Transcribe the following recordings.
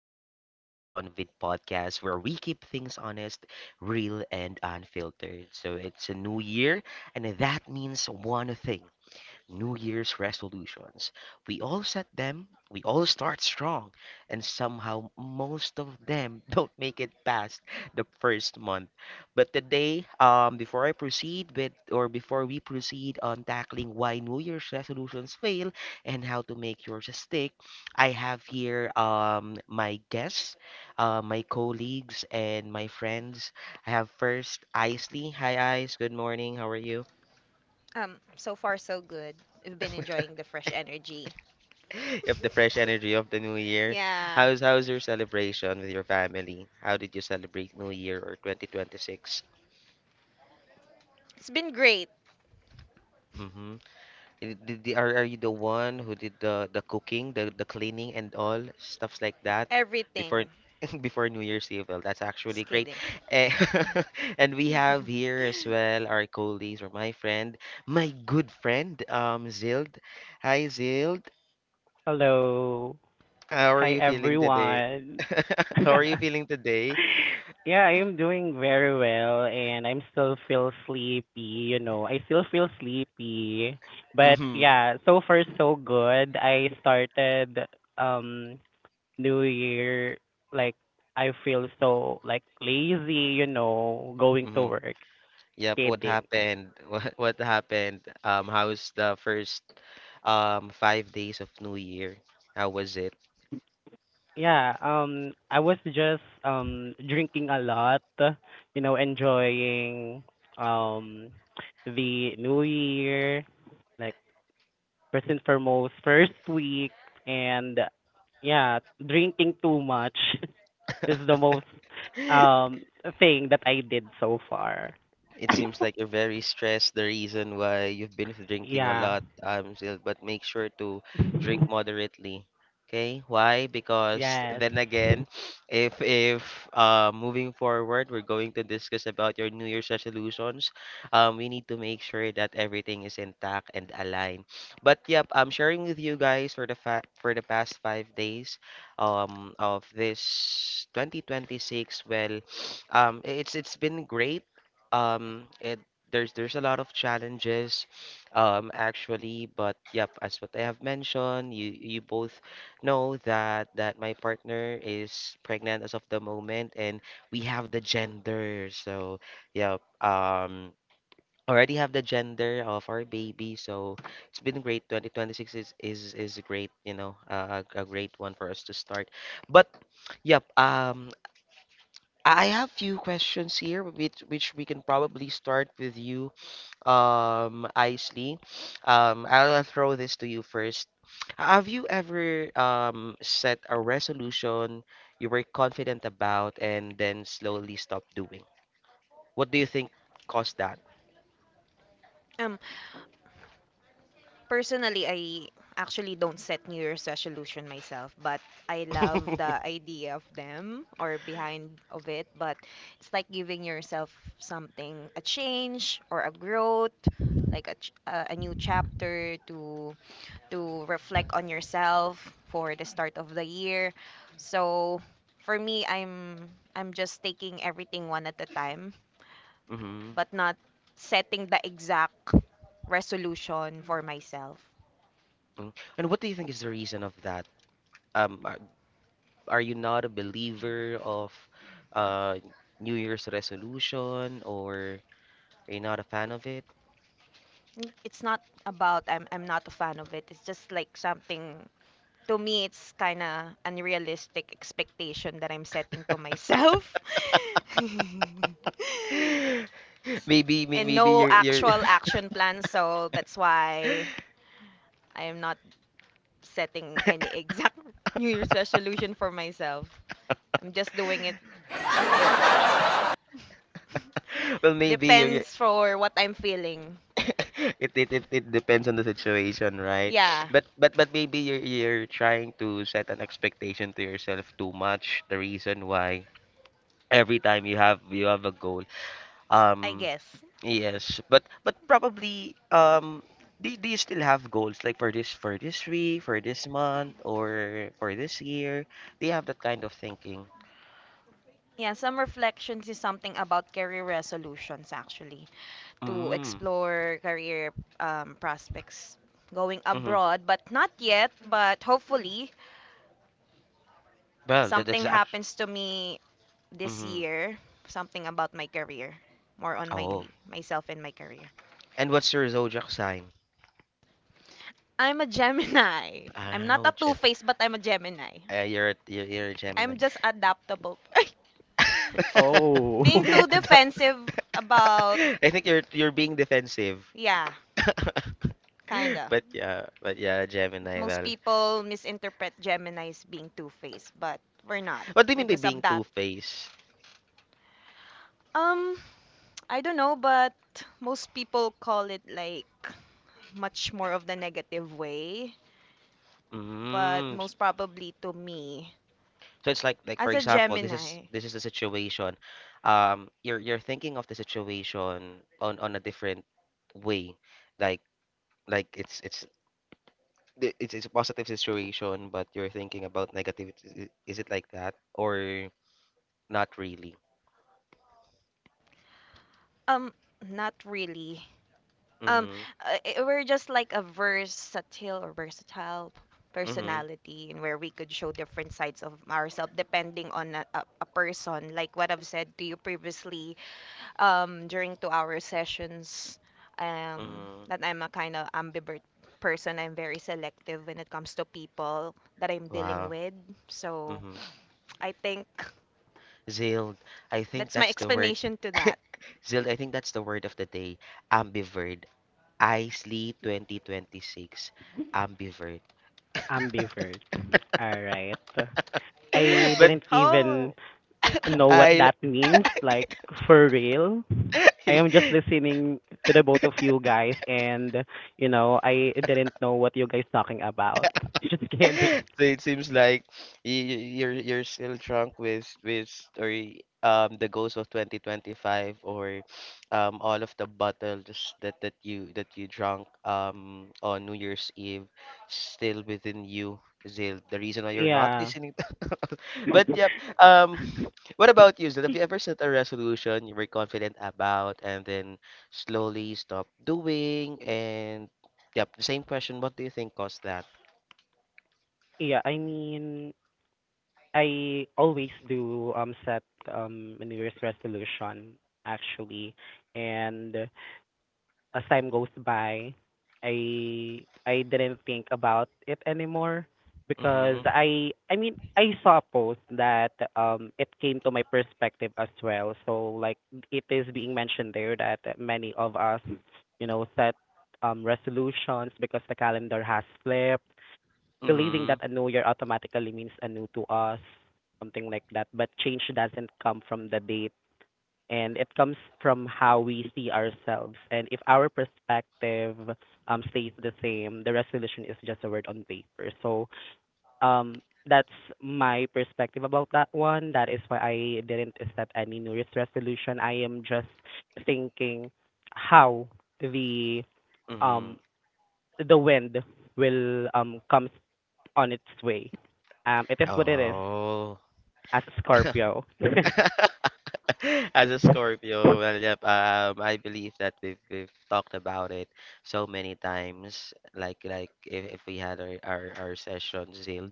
Real Talk with John Vitt podcast, where we keep things honest, real, and unfiltered. So it's a new year, and that means one thing. New Year's resolutions. We all set them, we all start strong, and somehow most of them don't make it past the first month. But today, before I proceed with, or before we proceed on tackling why New Year's resolutions fail and how to make yours stick, I have here my guests, my colleagues, and my friends. I have first Isley. Hi, Ice. Good morning. How are you? So far so good. We've been enjoying the fresh energy. Of the fresh energy of the new year. Yeah, How's your celebration with your family? How did you celebrate New Year or 2026? it's been great. Mm-hmm. Are you the one who did the cooking, the cleaning and all stuffs like that before Everything. before New Year's Eve? Well, that's actually Just great. kidding. Eh, and we have here as well our colleagues or my friend, my good friend, Zild. Hi, Zild. Hello. How are Hi, you feeling today? everyone. How are you feeling today? Yeah, I'm doing very well and I'm still feel sleepy, you know. I still feel sleepy. But Mm-hmm. yeah, so far so good. I started um new year, like I feel so like lazy, you know, going to Hmm. work. Yep, what Kidding. happened? What happened? How's the first 5 days of New Year? How was it? Yeah, I was just drinking a lot, you know, enjoying um the new year, like first and foremost, first week, and yeah, drinking too much is the most um thing that I did so far. It seems like you're very stressed, the reason why you've been drinking a Yeah. lot, still, but make sure to drink moderately. Okay? Why? Because Yes. then again, if moving forward, we're going to discuss about your New Year's resolutions. We need to make sure that everything is intact and aligned. But yep, I'm sharing with you guys for the past 5 days, of this 2026. Well, it's been great it, there's a lot of challenges, actually. But yep, as what I have mentioned, you both know that my partner is pregnant as of the moment, and we have the gender. So yep, already have the gender of our baby. So it's been great. 2026 is great. You know, a great one for us to start. But yep, I have few questions here, with which we can probably start with you, Isley. I'll throw this to you first. Have you ever set a resolution you were confident about and then slowly stopped doing? What do you think caused that? um, Personally, I actually don't set New Year's resolution myself, but I love the idea of them or behind of it. But it's like giving yourself something, a change or a growth, like a new chapter to reflect on yourself for the start of the year. So for me, I'm just taking everything one at a time, Hmm. but not setting the exact resolution for myself. And what do you think is the reason of that? Um, are, are you not a believer of uh New Year's resolution, or are you not a fan of it? It's not about I'm not a fan of it. It's just like something, to me it's kind of unrealistic expectation that I'm setting to myself. Maybe may- And maybe no you're actual action plan, so that's why I am not setting any exact New Year's resolution for myself. I'm just doing it if well maybe you're depends for what I'm feeling. It depends on the situation, right? Yeah, But maybe you're trying to set an expectation to yourself too much. The reason why every time you have a goal. I Um guess. yes, but probably, um, do you still have goals like for this, for this week, for this month or for this year? Do you have that kind of thinking? Yeah, some reflections is something about career resolutions actually, to Mm. explore career prospects, going Mm-hmm. abroad, but not yet. But hopefully, Well, that's something actually happens to me this mm-hmm. year. Something about my career, more on Oh. my myself and my career. And what's your zodiac sign? I'm a Gemini. I'm not Oh, a Gem. two-faced, but I'm a Gemini. You're a Gemini. I'm just adaptable. Being Oh, too I defensive about, don't- I think you're being defensive. yeah, kinda. But yeah, But Gemini. most Well, people misinterpret Gemini's being two-faced, but we're not. what do you We're mean by just being adapt. two-faced? Um, I don't know, but most people call it like much more of the negative way. But Mm. most probably to me, So it's like for as a example, this is Gemini, this is the situation. You're thinking of the situation on a different way, like like it's the- it's a positive situation, but you're thinking about negative. Is it like that or not really? um, not really. um Mm-hmm. We're just like a versatile or versatile Mm-hmm. personality, and where we could show different sides of ourselves depending on a person, like what I've said to you previously during 2-hour sessions, Mm-hmm. that I'm a kind of ambivert person. I'm very selective when it comes to people that I'm dealing Wow. with. So Mm-hmm. I think Zilled. I think that's my that's the word. explanation to that. Zild. I think that's the word of the day. Ambivert. Isley 2026. Ambivert. ambivert. All right. I But didn't Oh, even know what I. that means, like for real. I am just listening to the both of you guys and you know, I didn't know what you guys talking about. Just kidding. So it seems like you're still drunk with the ghost of 2025 or all of the bottles that that you drank on New Year's Eve still within you, Zil. The reason why you're not Yeah. listening. But yep. What about you, Zil? Have you ever set a resolution you were confident about and then slowly stop doing and yep, the same question. What do you think caused that? Yeah, I mean, I always do set a New Year's resolution actually, and as time goes by, I didn't think about it anymore because Mm-hmm. I mean I saw a post that it came to my perspective as well. So like it is being mentioned there that many of us, you know, set resolutions because the calendar has flipped, believing Mm-hmm. that a new year automatically means a new to us, something like that. But change doesn't come from the day, and it comes from how we see ourselves. And if our perspective stays the same, the resolution is just a word on paper. So, um, that's my perspective about that one. That is why I didn't set any New Year's resolution. I am just thinking how the Mhm. um the wind will comes on its way. It is what it is Oh. as a Scorpio. As a Scorpio, well, yep, I believe that we've talked about it so many times. Like if we had our sessions, Zil,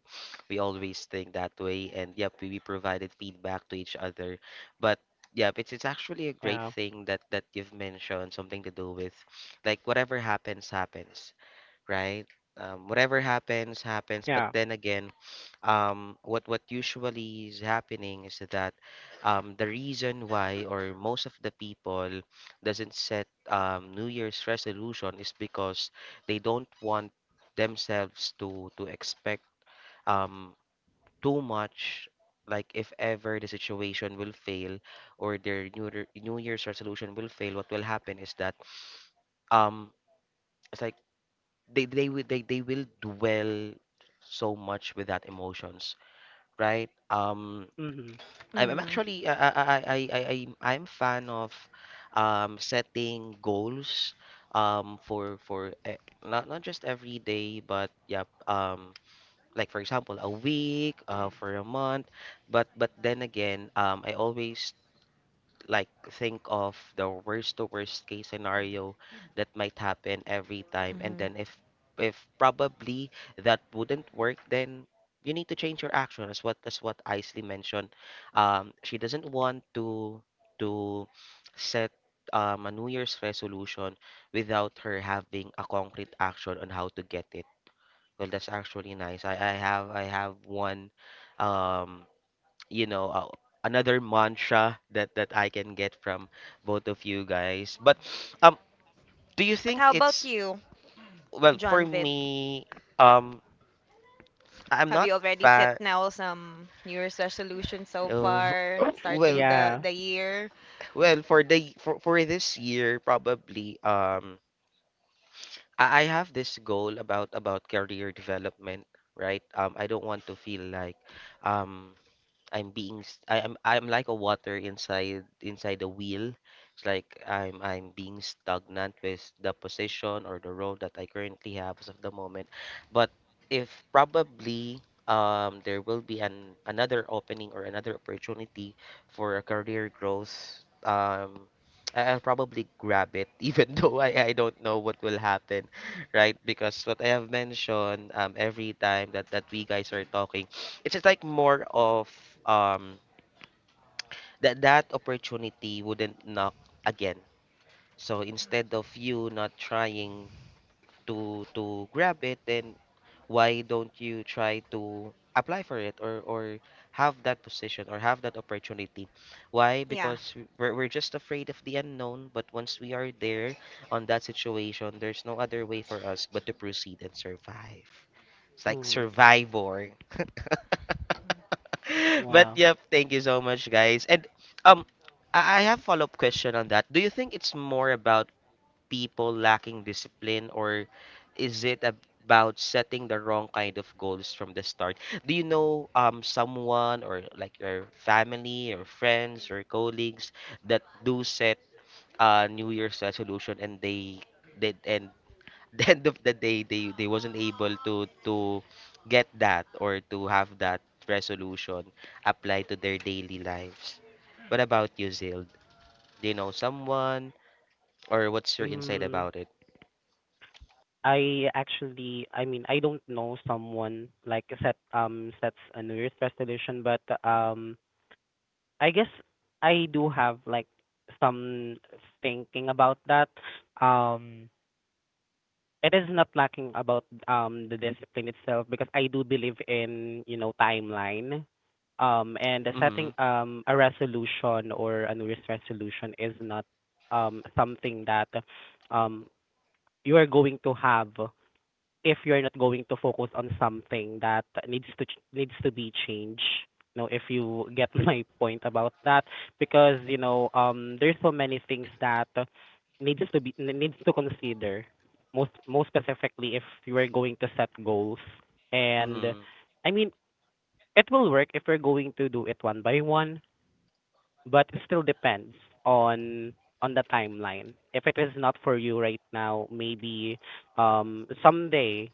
we always think that way and yep, we provided feedback to each other. But yep, it's actually a great Yeah, thing that you've mentioned, something to do with like whatever happens, happens, right? Whatever happens, happens. But yeah, then again, what usually is happening is that the reason why or most of the people doesn't set, New Year's resolution is because they don't want themselves to expect, um, too much. Like if ever the situation will fail or their New Year's resolution will fail, what will happen is that um it's like they will dwell so much with that emotions, right? Mhm, I'm mm, actually I'm fan of setting goals, um, for not just every day but, yeah, um, like for example a week, uh, for a month, but then again, um, I always like think of the worst to worst case scenario that might happen every time and mhm. then if probably that wouldn't work, then you need to change your action. That's what Isley mentioned, um, she doesn't want to set, a new year's resolution without her having a concrete action on how to get it. Well, that's actually nice. I have one, um, you know, another mantra that I can get from both of you guys. But um, do you But think how about it's you, well for John Vitt? me? Um, I'm Have not you already set fat. now some New Year's resolution so Oh, far, well, starting yeah. the year? well for for this year probably, um, I have this goal about career development, right? I don't want to feel like um I am, I'm like a water inside the wheel. It's like I'm being stagnant with the position or the role that I currently have as of the moment. But if probably, um, there will be an another opening or another opportunity for a career growth, um, I'll probably grab it even though I don't know what will happen, right? Because what I have mentioned, every time that we guys are talking, it's just like more of, um, that opportunity wouldn't knock again. So instead of you not trying to grab it, then why don't you try to apply for it or have that position or have that opportunity? Why? Yeah. Because we're just afraid of the unknown, but once we are there on that situation, there's no other way for us but to proceed and survive. It's like Mm-hmm. survivor. But Well, yep, thank you so much, guys. And, um, I have follow-up question on that. Do you think it's more about people lacking discipline, or is it about setting the wrong kind of goals from the start? Do you know, um, someone or like your family or friends or colleagues that do set a New Year's resolution and they did and the end of the day they wasn't able to get that or to have that resolution apply to their daily lives. What about you, Zild? Do you know someone or what's your insight mm, about it? I actually, I mean, I don't know someone like sets a New Year's resolution, but um, I guess I do have like some thinking about that. Um, it is not lacking about the discipline itself because I do believe in, you know, timeline. And the Mm-hmm. setting a resolution or a New Year's resolution is not something that um you are going to have if you're not going to focus on something that needs to be changed. You know, if you get my point about that, because you know, there's so many things that needs to consider, most specifically if you are going to set goals. And Mm-hmm. I mean, it will work if we're going to do it one by one, but it still depends on the timeline. If it is not for you right now, maybe someday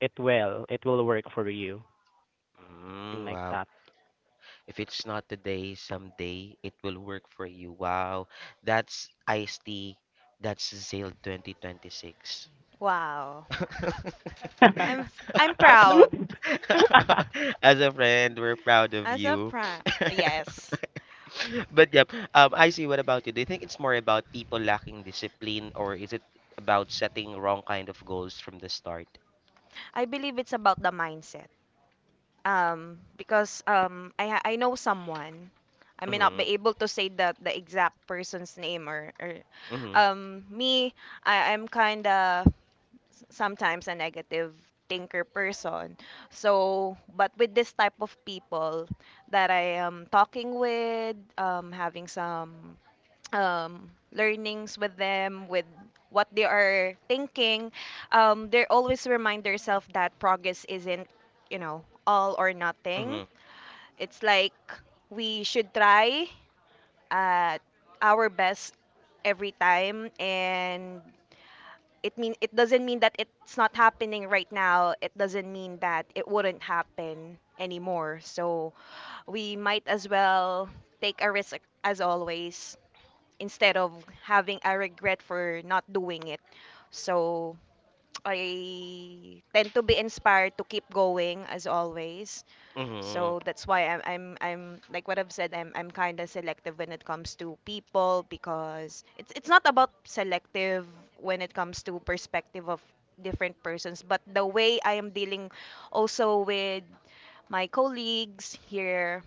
it will work for you, something Mm, like wow. that. If it's not today, someday it will work for you. Wow. That's Ice T. That's Zale 2026. Wow. I'm proud. As a friend, we're proud of As a you. pra- yes. But yep, I see. What about you? Do you think it's more about people lacking discipline, or is it about setting wrong kind of goals from the start? I believe it's about the mindset. Because I know someone. I may not Mm-hmm. be able to say the exact person's name, or Mm-hmm. Me. I'm kinda sometimes a negative thinker person. So, but with this type of people that I am talking with, having some learnings with them, with what they are thinking, they always remind themselves that progress isn't, you know, all or nothing. Mm-hmm. It's like we should try at our best every time, and it mean it doesn't mean that it's not happening right now. It doesn't mean that it wouldn't happen anymore. So we might as well take a risk as always, instead of having a regret for not doing it. So I tend to be inspired to keep going as always. So Mm-hmm. that's why I'm like what I've said, I'm kind of selective when it comes to people, because it's not about selective when it comes to perspective of different persons, but the way I am dealing also with my colleagues here,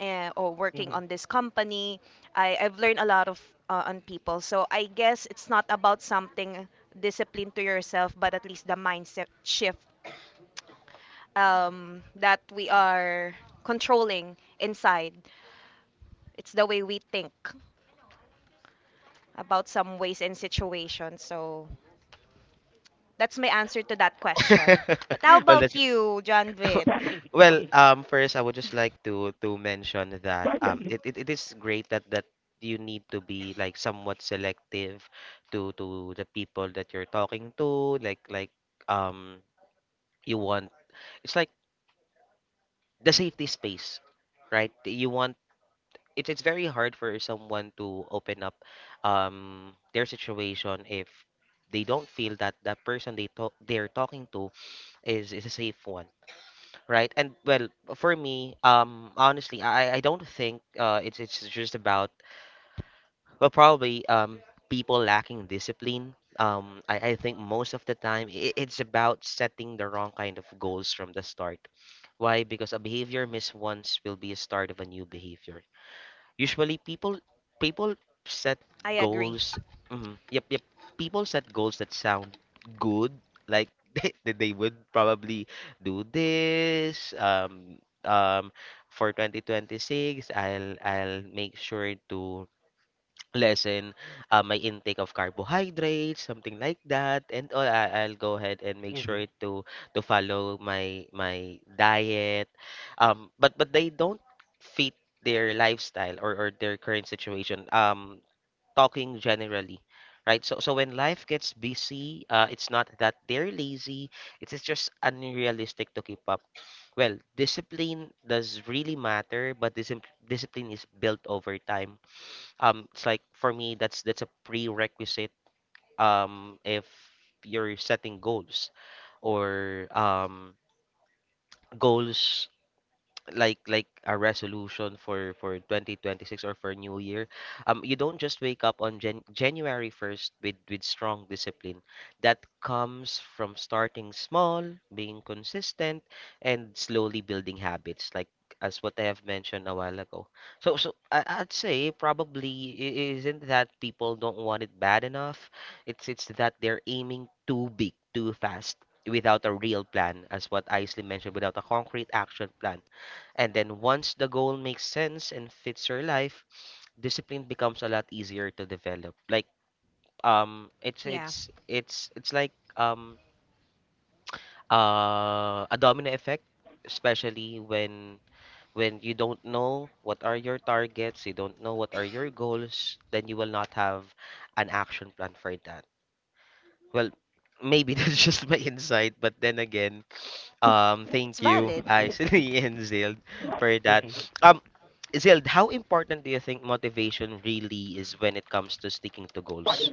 or working Mhm. on this company, I've learned a lot of on people. So I guess it's not about something discipline to yourself, but at least the mindset shift that we are controlling inside. It's the way we think about some ways and situations. So that's my answer to that question. But how Well, about that's you, John Vitt? well, first I would just like to mention that it is great that you need to be like somewhat selective to the people that you're talking to, like, um, you want it's like the safety space, right? You want it, it's very hard for someone to open up their situation if they don't feel that that person they're talking to is a safe one. Right. And well, for me, honestly, I don't think it's just about, well, probably, people lacking discipline. I think most of the time I it's about setting the wrong kind of goals from the start. Why? Because a behavior missed once will be a start of a new behavior. Usually people set I agree. goals. Mhm, yep, yep. People set goals that sound good, like that they would probably do this um for 2026. I'll make sure to lessen my intake of carbohydrates, something like that, and all, I'll go ahead and make Mhm. sure to follow my diet. But they don't fit their lifestyle, or their current situation. Talking generally, right? So when life gets busy, it's not that they're lazy. It is just unrealistic to keep up. Well, discipline does really matter, but discipline is built over time. It's like for me, that's a prerequisite if you're setting goals or goals like a resolution for 2026 or for new year. You don't just wake up on January 1st with strong discipline. That comes from starting small, being consistent, and slowly building habits, like as what I have mentioned a while ago. So, I'd say probably isn't that people don't want it bad enough, it's that they're aiming too big too fast without a real plan, as what Isley mentioned, without a concrete action plan. And then once the goal makes sense and fits your life, discipline becomes a lot easier to develop. Like, Yeah, it's like a domino effect, especially when you don't know what are your targets, you don't know what are your goals, then you will not have an action plan for that. Well, maybe that's just my insight, but then again, it's thank you, valid. Mhm. Isley, and Zild, for that. Mhm. Um, Zild, how important do you think motivation really is when it comes to sticking to goals?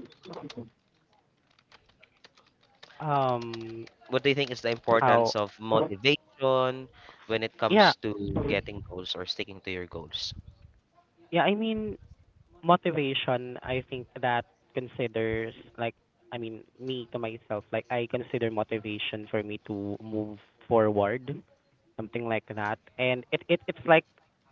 um What do you think is the how importance of motivation when it Yeah, comes to getting goals or sticking to your goals? yeah, I mean, motivation, I think that considers like, I mean, me to myself, like I consider motivation for me to move forward, something like that. And it's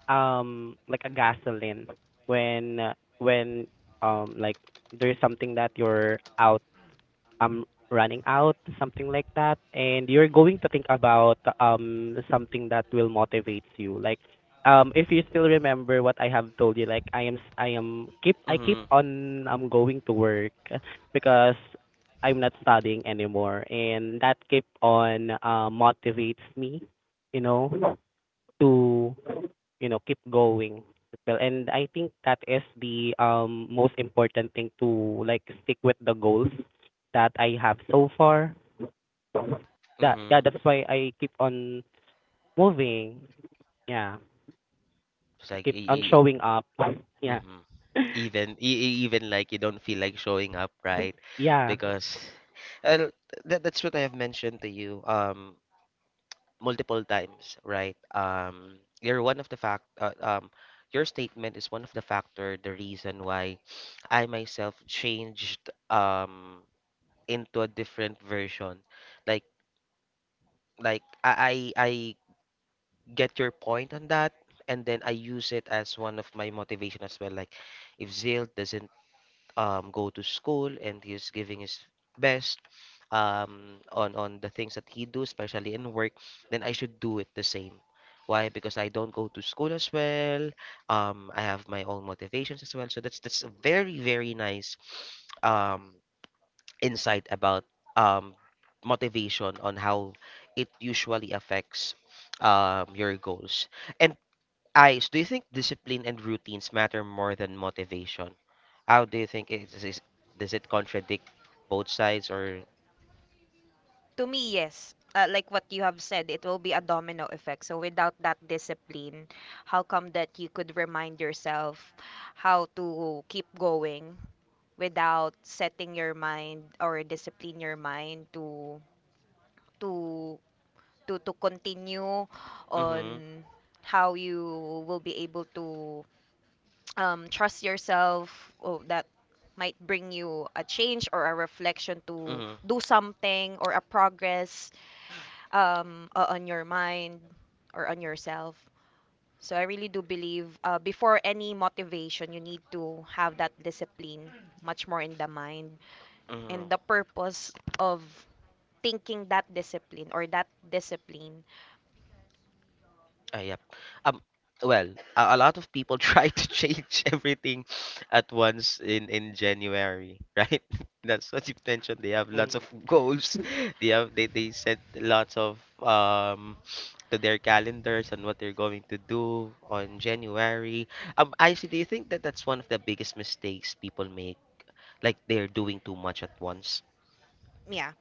like a gasoline when like there's something that you're out um running out, something like that, and you're going to think about something that will motivate you, like if you still remember what I have told you, like I am keep I keep Mm-hmm. on going to work because I'm not studying anymore, and that keep on motivates me, you know, to, you know, keep going as well. And I think that is the most important thing to like stick with the goals that I have so far. That yeah, Mm-hmm. that's why I keep on moving, yeah. It's I like keep on showing up. Yeah. mm-hmm, even like you don't feel like showing up, right? Yeah. Because, uh, that's what I have mentioned to you. Multiple times, right? You're one of the fact, Your statement is one of the factor, the reason why I myself changed into a different version. Like, like, I get your point on that, and then I use it as one of my motivation as well. Like, if Zil doesn't go to school and he's giving his best, on the things that he do, especially in work, then I should do it the same. Why? Because I don't go to school as well. I have my own motivations as well. So that's a very, very nice um, insight about um, motivation, on how it usually affects your goals. And Ice, do you think discipline and routines matter more than motivation? How do you think it is, does it contradict both sides, or To me, yes. Like what you have said, it will be a domino effect. So without that discipline, how come that you could remind yourself how to keep going without setting your mind or discipline your mind to to to continue on, mm-hmm, how you will be able to trust yourself, oh, that might bring you a change or a reflection to mm-hmm, do something or a progress on your mind or on yourself. So I really do believe, before any motivation, you need to have that discipline much more in the mind. And the mm-hmm. purpose of thinking that discipline or that discipline, Yep. Um, well, a lot of people try to change everything at once, in January, right? That's what you mentioned. They have lots Mm-hmm. of goals. They set lots of to their calendars, and what they're going to do on January. I see. Do you think that that's one of the biggest mistakes people make? Like they're doing too much at once. yeah,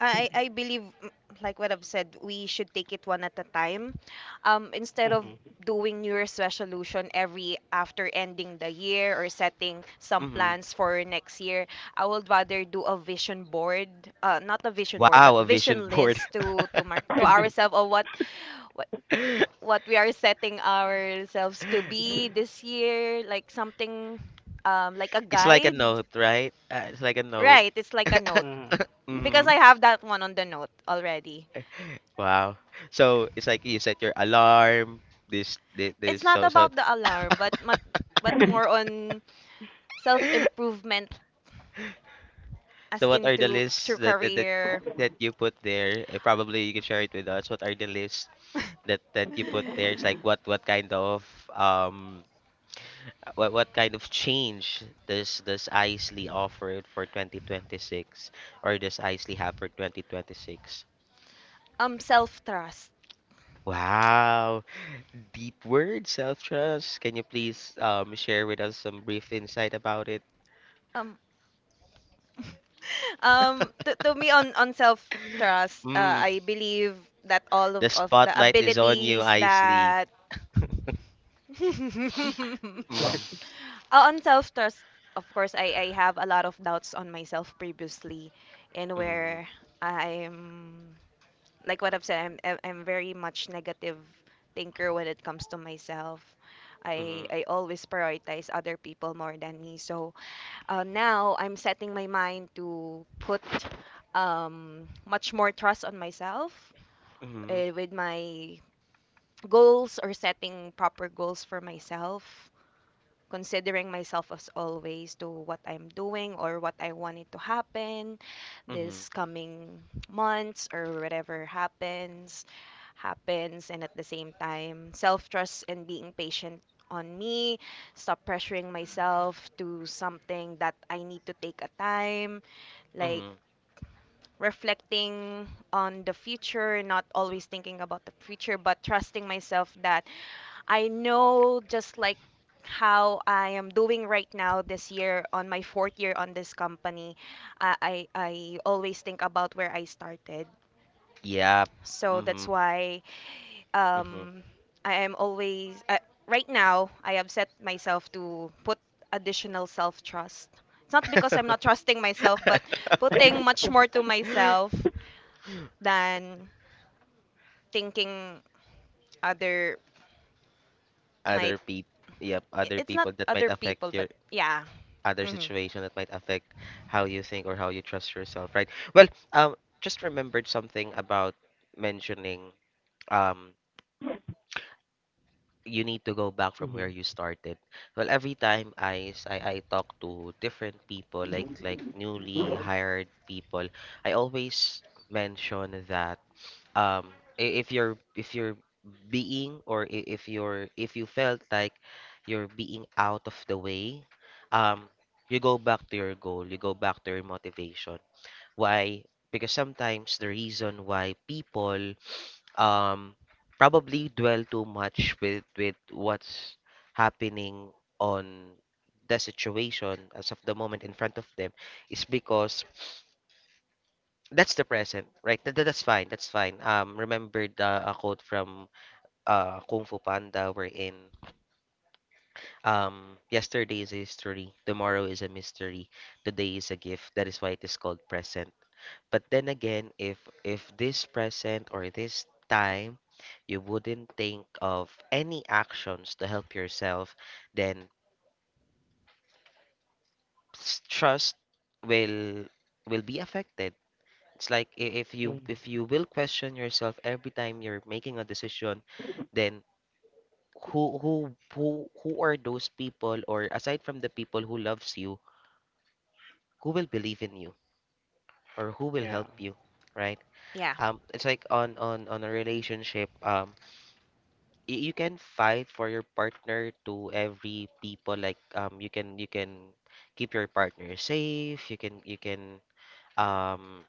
I believe, like what I've said, we should take it one at a time. Instead of doing New Year's resolution every after ending the year or setting some Mm-hmm. plans for next year, I would rather do a vision board, not a vision board, Wow, but a vision vision board. list to to ourselves of what what what we are setting ourselves to be this year, like something like a It's like a guide. note, right? It's like a note. Right, it's like a note, Mm-hmm. Hmm. because Mhm. I have that one on the note already. Wow. So it's like you set your alarm. This, this, It's this. not So, so, about the alarm, but more on self improvement as so what are the into lists through that that that, career, that you put there? Probably you can share it with us. What are the lists that you put there? It's like um what kind of change does Isley offer for 2026, or does Isley have for 2026? Self trust. Wow. Deep word, self-trust. Can you please share with us some brief insight about it? Um, to me on self trust, Hmm. I believe that all The of the spotlight is on you, abilities Isley. that Mm, On self trust, of course, I have a lot of doubts on myself previously, and mhm, where I'm like what I've said, I'm very much negative thinker when it comes to myself. Mhm, I always prioritize other people more than me. So now I'm setting my mind to put much more trust on myself, mhm, with my goals or setting proper goals for myself, considering myself as always to what I'm doing or what I wanted to happen mhm, this coming months, or whatever happens happens, and at the same time self-trust and being patient on me, stop pressuring myself to something that I need to take a time, like mhm. reflecting on the future, not always thinking about the future, but trusting myself that I know, just like how I am doing right now this year on my fourth year on this company, I always think about where I started. Yep. So that's Mhm, why mhm. um, I am always, right now, I have set myself to put additional self trust. It's not because I'm not trusting myself, but putting much more to myself than thinking other might, Other people. Yep. Other it's not people that might other people, affect but your yeah, other hmm, situation, that might affect how you think or how you trust yourself, right? Well, um, just remembered something about mentioning, um you need to go back from where you started. Well, every time I, s- I talk to different people, like newly hired people, I always mention that if you're being, or if you're if you felt like you're being out of the way, um you go back to your goal, you go back to your motivation. Why? Because sometimes the reason why people um probably dwell too much with what's happening on the situation as of the moment in front of them is because that's the present. Right? That, that's fine. That's fine. Remember the a quote from Kung Fu Panda, wherein yesterday is a history, tomorrow is a mystery, today is a gift, that is why it is called present. But then again, if this present or this time you wouldn't think of any actions to help yourself, then trust will be affected. It's like if you will question yourself every time you're making a decision, then who who who are those people, or, aside from the people who loves you, who will believe in you or who will Yeah. help you, right? yeah, It's like on a relationship. Y- you can fight for your partner to every people, like you can keep your partner safe, you can, um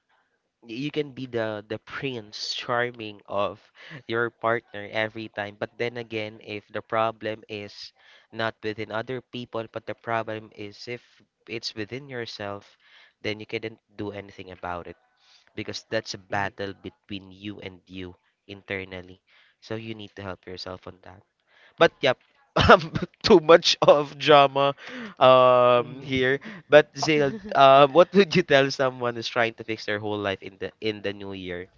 you can be the prince charming of your partner every time. But then again, if the problem is not within other people, but the problem is, if it's within yourself, then you couldn't do anything about it, because that's a Hmm. battle between you and you, internally, so you need to help yourself on that. But yep, um too much of drama here. But Zale, what would you tell someone who's trying to fix their whole life in the new year?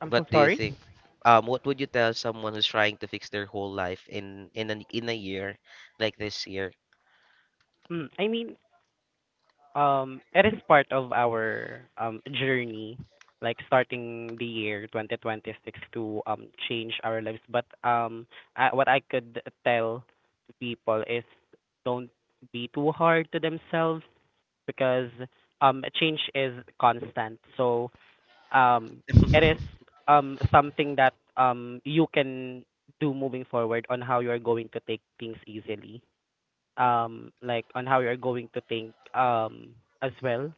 I'm what so do you sorry. think what would you tell someone who's trying to fix their whole life in an in a year, like this year? Mm, I mean, um, it is part of our journey, like starting the year 2026 to change our lives. But I, what I could tell to people is, don't be too hard to themselves because change is constant. So um, it hmm is something that you can do moving forward on how you are going to take things easily, like on how you're going to think, as well,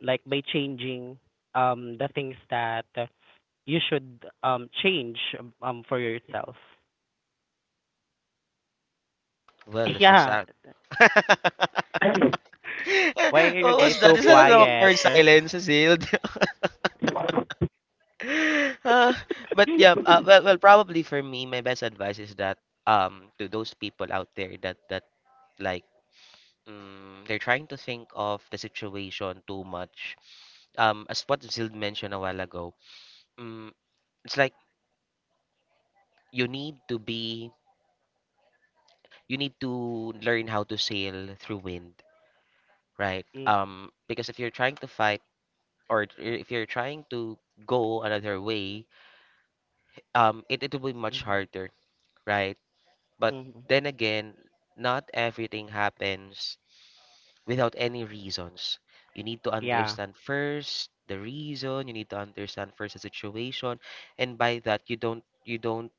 like by changing the things that you should change for yourself. well, that's Yeah. sad. Why What are you guys was that? so Is that an quiet? awkward silence, Zale? Uh, but yeah, well, probably for me, my best advice is that, to those people out there, that like, they're trying to think of the situation too much. As what Zild mentioned a while ago, mm, it's like, you need to be you need to learn how to sail through wind, right? Mm, Because if you're trying to fight, or if you're trying to go another way, it will be much mhm, harder, right? But mhm. then again, not everything happens without any reasons. You need to Yeah. understand first the reason, you need to understand first the situation, and by that you don't,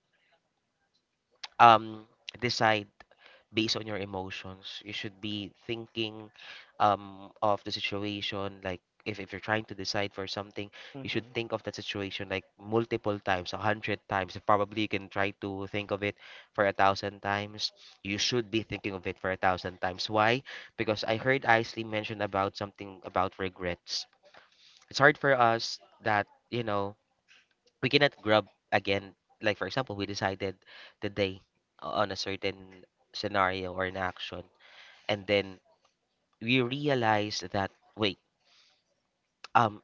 um decide based on your emotions. You should be thinking of the situation, like if, you're trying to decide for something, you should Mhm. think of that situation like multiple times, a hundred times. Probably you can try to think of it for a thousand times. You should be thinking of it for a thousand times. Why? Because I heard Isley mention about something about regrets. It's hard for us that we cannot grab again. Like for example, we decided the day on a certain scenario or an action, and then we realize that, wait, um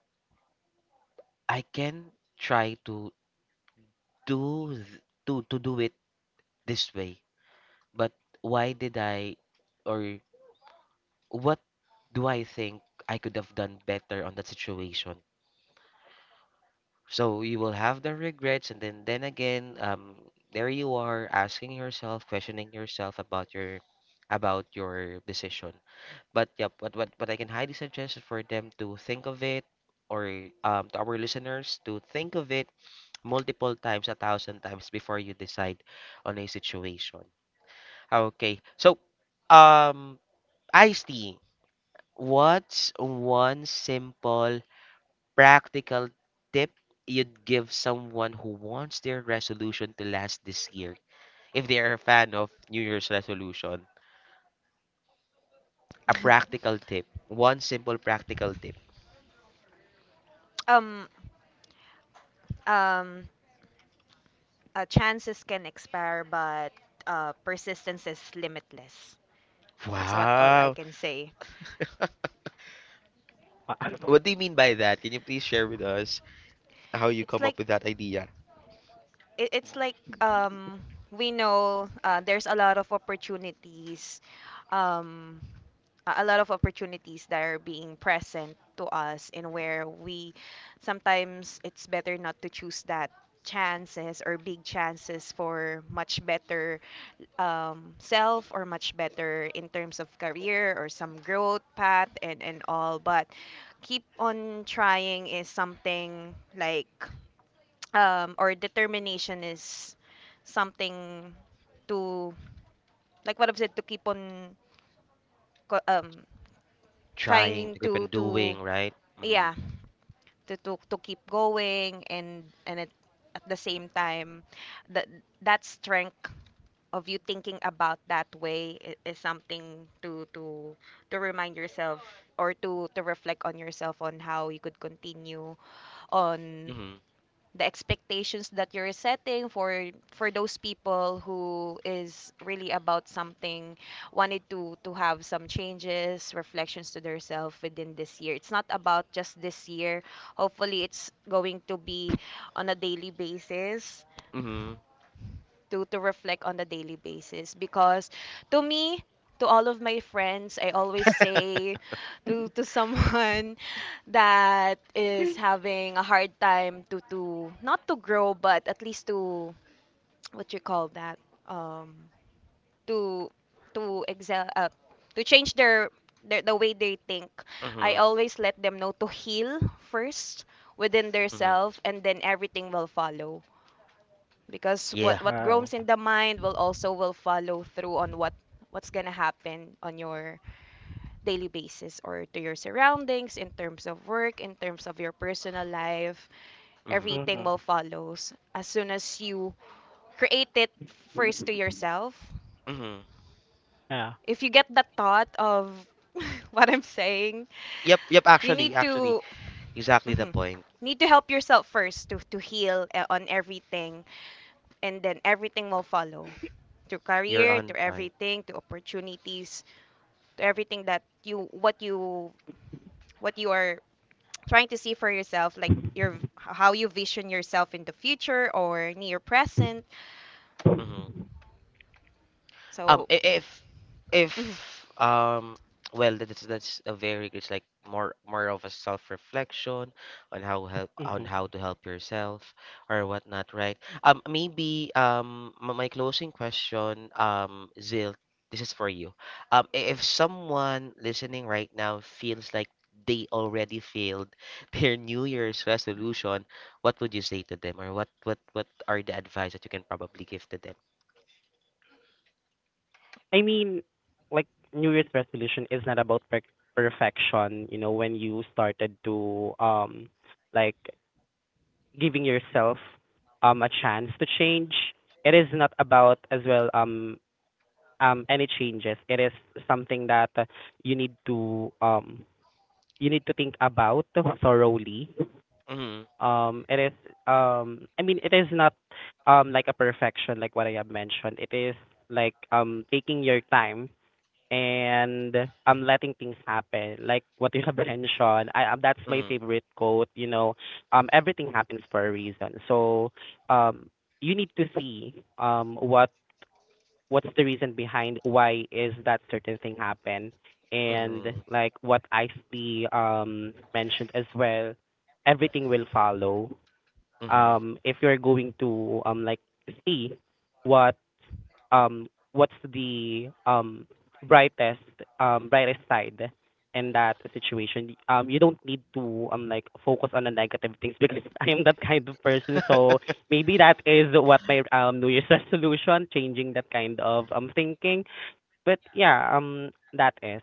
I can try do th- to do it this way. But why did I, or what do I think I could have done better on that situation? So you will have the regrets, and then then again, there you are asking yourself, questioning yourself about your, about your decision. But yeah, but I can highly suggest is for them to think of it, or to our listeners, to think of it multiple times, a thousand times, before you decide on a situation. Okay. So, um, Ice-T, what's one simple practical tip you'd give someone who wants their resolution to last this year? If they are a fan of New Year's resolution, a practical tip, one simple practical tip. um um chances can expire, but persistence is limitless. That's what all I Wow, can say. Wa- what do you mean by that? Can you please share with us how you It's come up like, with that idea? It's like, um we know, there's a lot of opportunities um a lot of opportunities that are being present to us, and where we sometimes it's better not to choose that chances or big chances for much better self, or much better in terms of career or some growth path and all, but keep on trying is something like, or determination is something to, like what I've said, to keep on co- Trying trying to keep on to doing, right? Mm-hmm. yeah, to keep going, and it, at the same time that strength of you thinking about that way, is something to to remind yourself, or to reflect on yourself on how you could continue on Mm-hmm. the expectations that you're setting for those people who is really about something, wanted to have some changes, reflections to themselves within this year. It's not about just this year, hopefully it's going to be on a daily basis, Mm-hmm. to reflect on a daily basis, because to me, to all of my friends, I always say to someone that is having a hard time to not to grow, but at least to what you call that, um to to excel, to change their the way they think. I Mm-hmm. always let them know to heal first within their Mm-hmm. self, and then everything will follow, because Yeah. what Wow. grows in the mind will also will follow through on what what's gonna happen on your daily basis, or to your surroundings in terms of work, in terms of your personal life. Mm-hmm. Everything Mhm. will follows as soon as you create it first to yourself, Mm-hmm. Yeah. if you get the thought of what I'm saying. Yep, yep, You need actually, to exactly the mhm, point. need to help yourself first to heal, on everything, and then everything will follow, to You're career, on to point. everything, to opportunities, to everything that you what you what you are trying to see for yourself, like your how you vision yourself in the future or near present. Mm-hmm. So I- if mhm. um, well, that's a very it's like more of a self-reflection on Mhm. how to help yourself or whatnot, right? My closing question, Zil, this is for you. If someone listening right now feels like they already failed their New Year's resolution, what would you say to them, or what are the advice that you can probably give to them? I mean, like, New Year's resolution is not about perfection, you know, when you started to like giving yourself a chance to change. It is not about as well any changes. It is something that you need to um you need to think about thoroughly. Mm-hmm. Um, it is I mean, it is not like a perfection, like what I have mentioned. It is like taking your time, and I'm letting things happen. Like what you have mentioned, I that's my Mm-hmm. favorite quote. You know, everything happens for a reason. So, um, you need to see what what's the reason behind why is that certain thing happen, and Mm-hmm. like what I see mentioned as well, everything will follow. Mhm. If you're going to like see what um what's the brightest brightest side in that situation. Um, you don't need to like focus on the negative things because I am that kind of person. So maybe that is what my new year's resolution, changing that kind of thinking. But yeah, that is.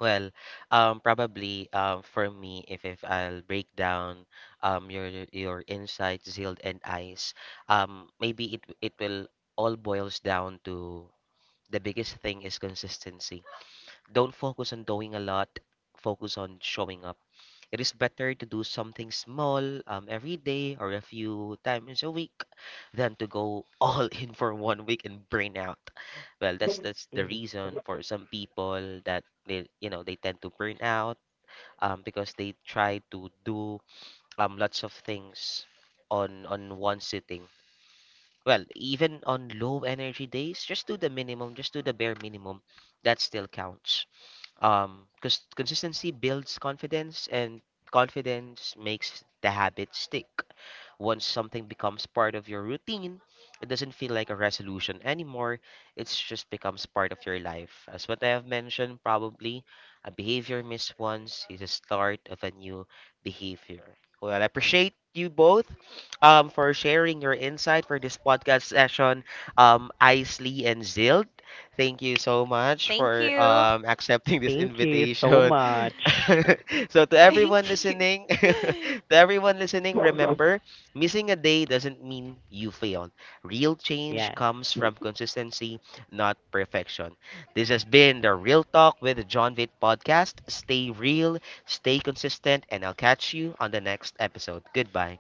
Well, probably, for me, if, I'll break down your insights, Zild and Ice, maybe it will all boils down to, the biggest thing is consistency. Don't focus on doing a lot, focus on showing up. It is better to do something small, every day or a few times a week, than to go all in for one week and burn out. Well, that's the Mhm. reason for some people, that they you know they tend to burn out, because they try to do lots of things on one sitting. Well, even on low energy days, just do the minimum, just do the bare minimum. That still counts. Because consistency builds confidence, and confidence makes the habit stick. Once something becomes part of your routine, it doesn't feel like a resolution anymore. It's just becomes part of your life. As what I have mentioned, probably a behavior missed once is a start of a new behavior. Well, I appreciate you both, for sharing your insight for this podcast session, Isley and Zild. Thank you so much Thank for, you. Accepting this Thank you so invitation. much. Thank you. To everyone listening, remember, missing a day doesn't mean you failed. Real change comes from Yes. consistency, not perfection. This has been the Real Talk with John Vitt podcast. Stay real, stay consistent, and I'll catch you on the next episode. Goodbye.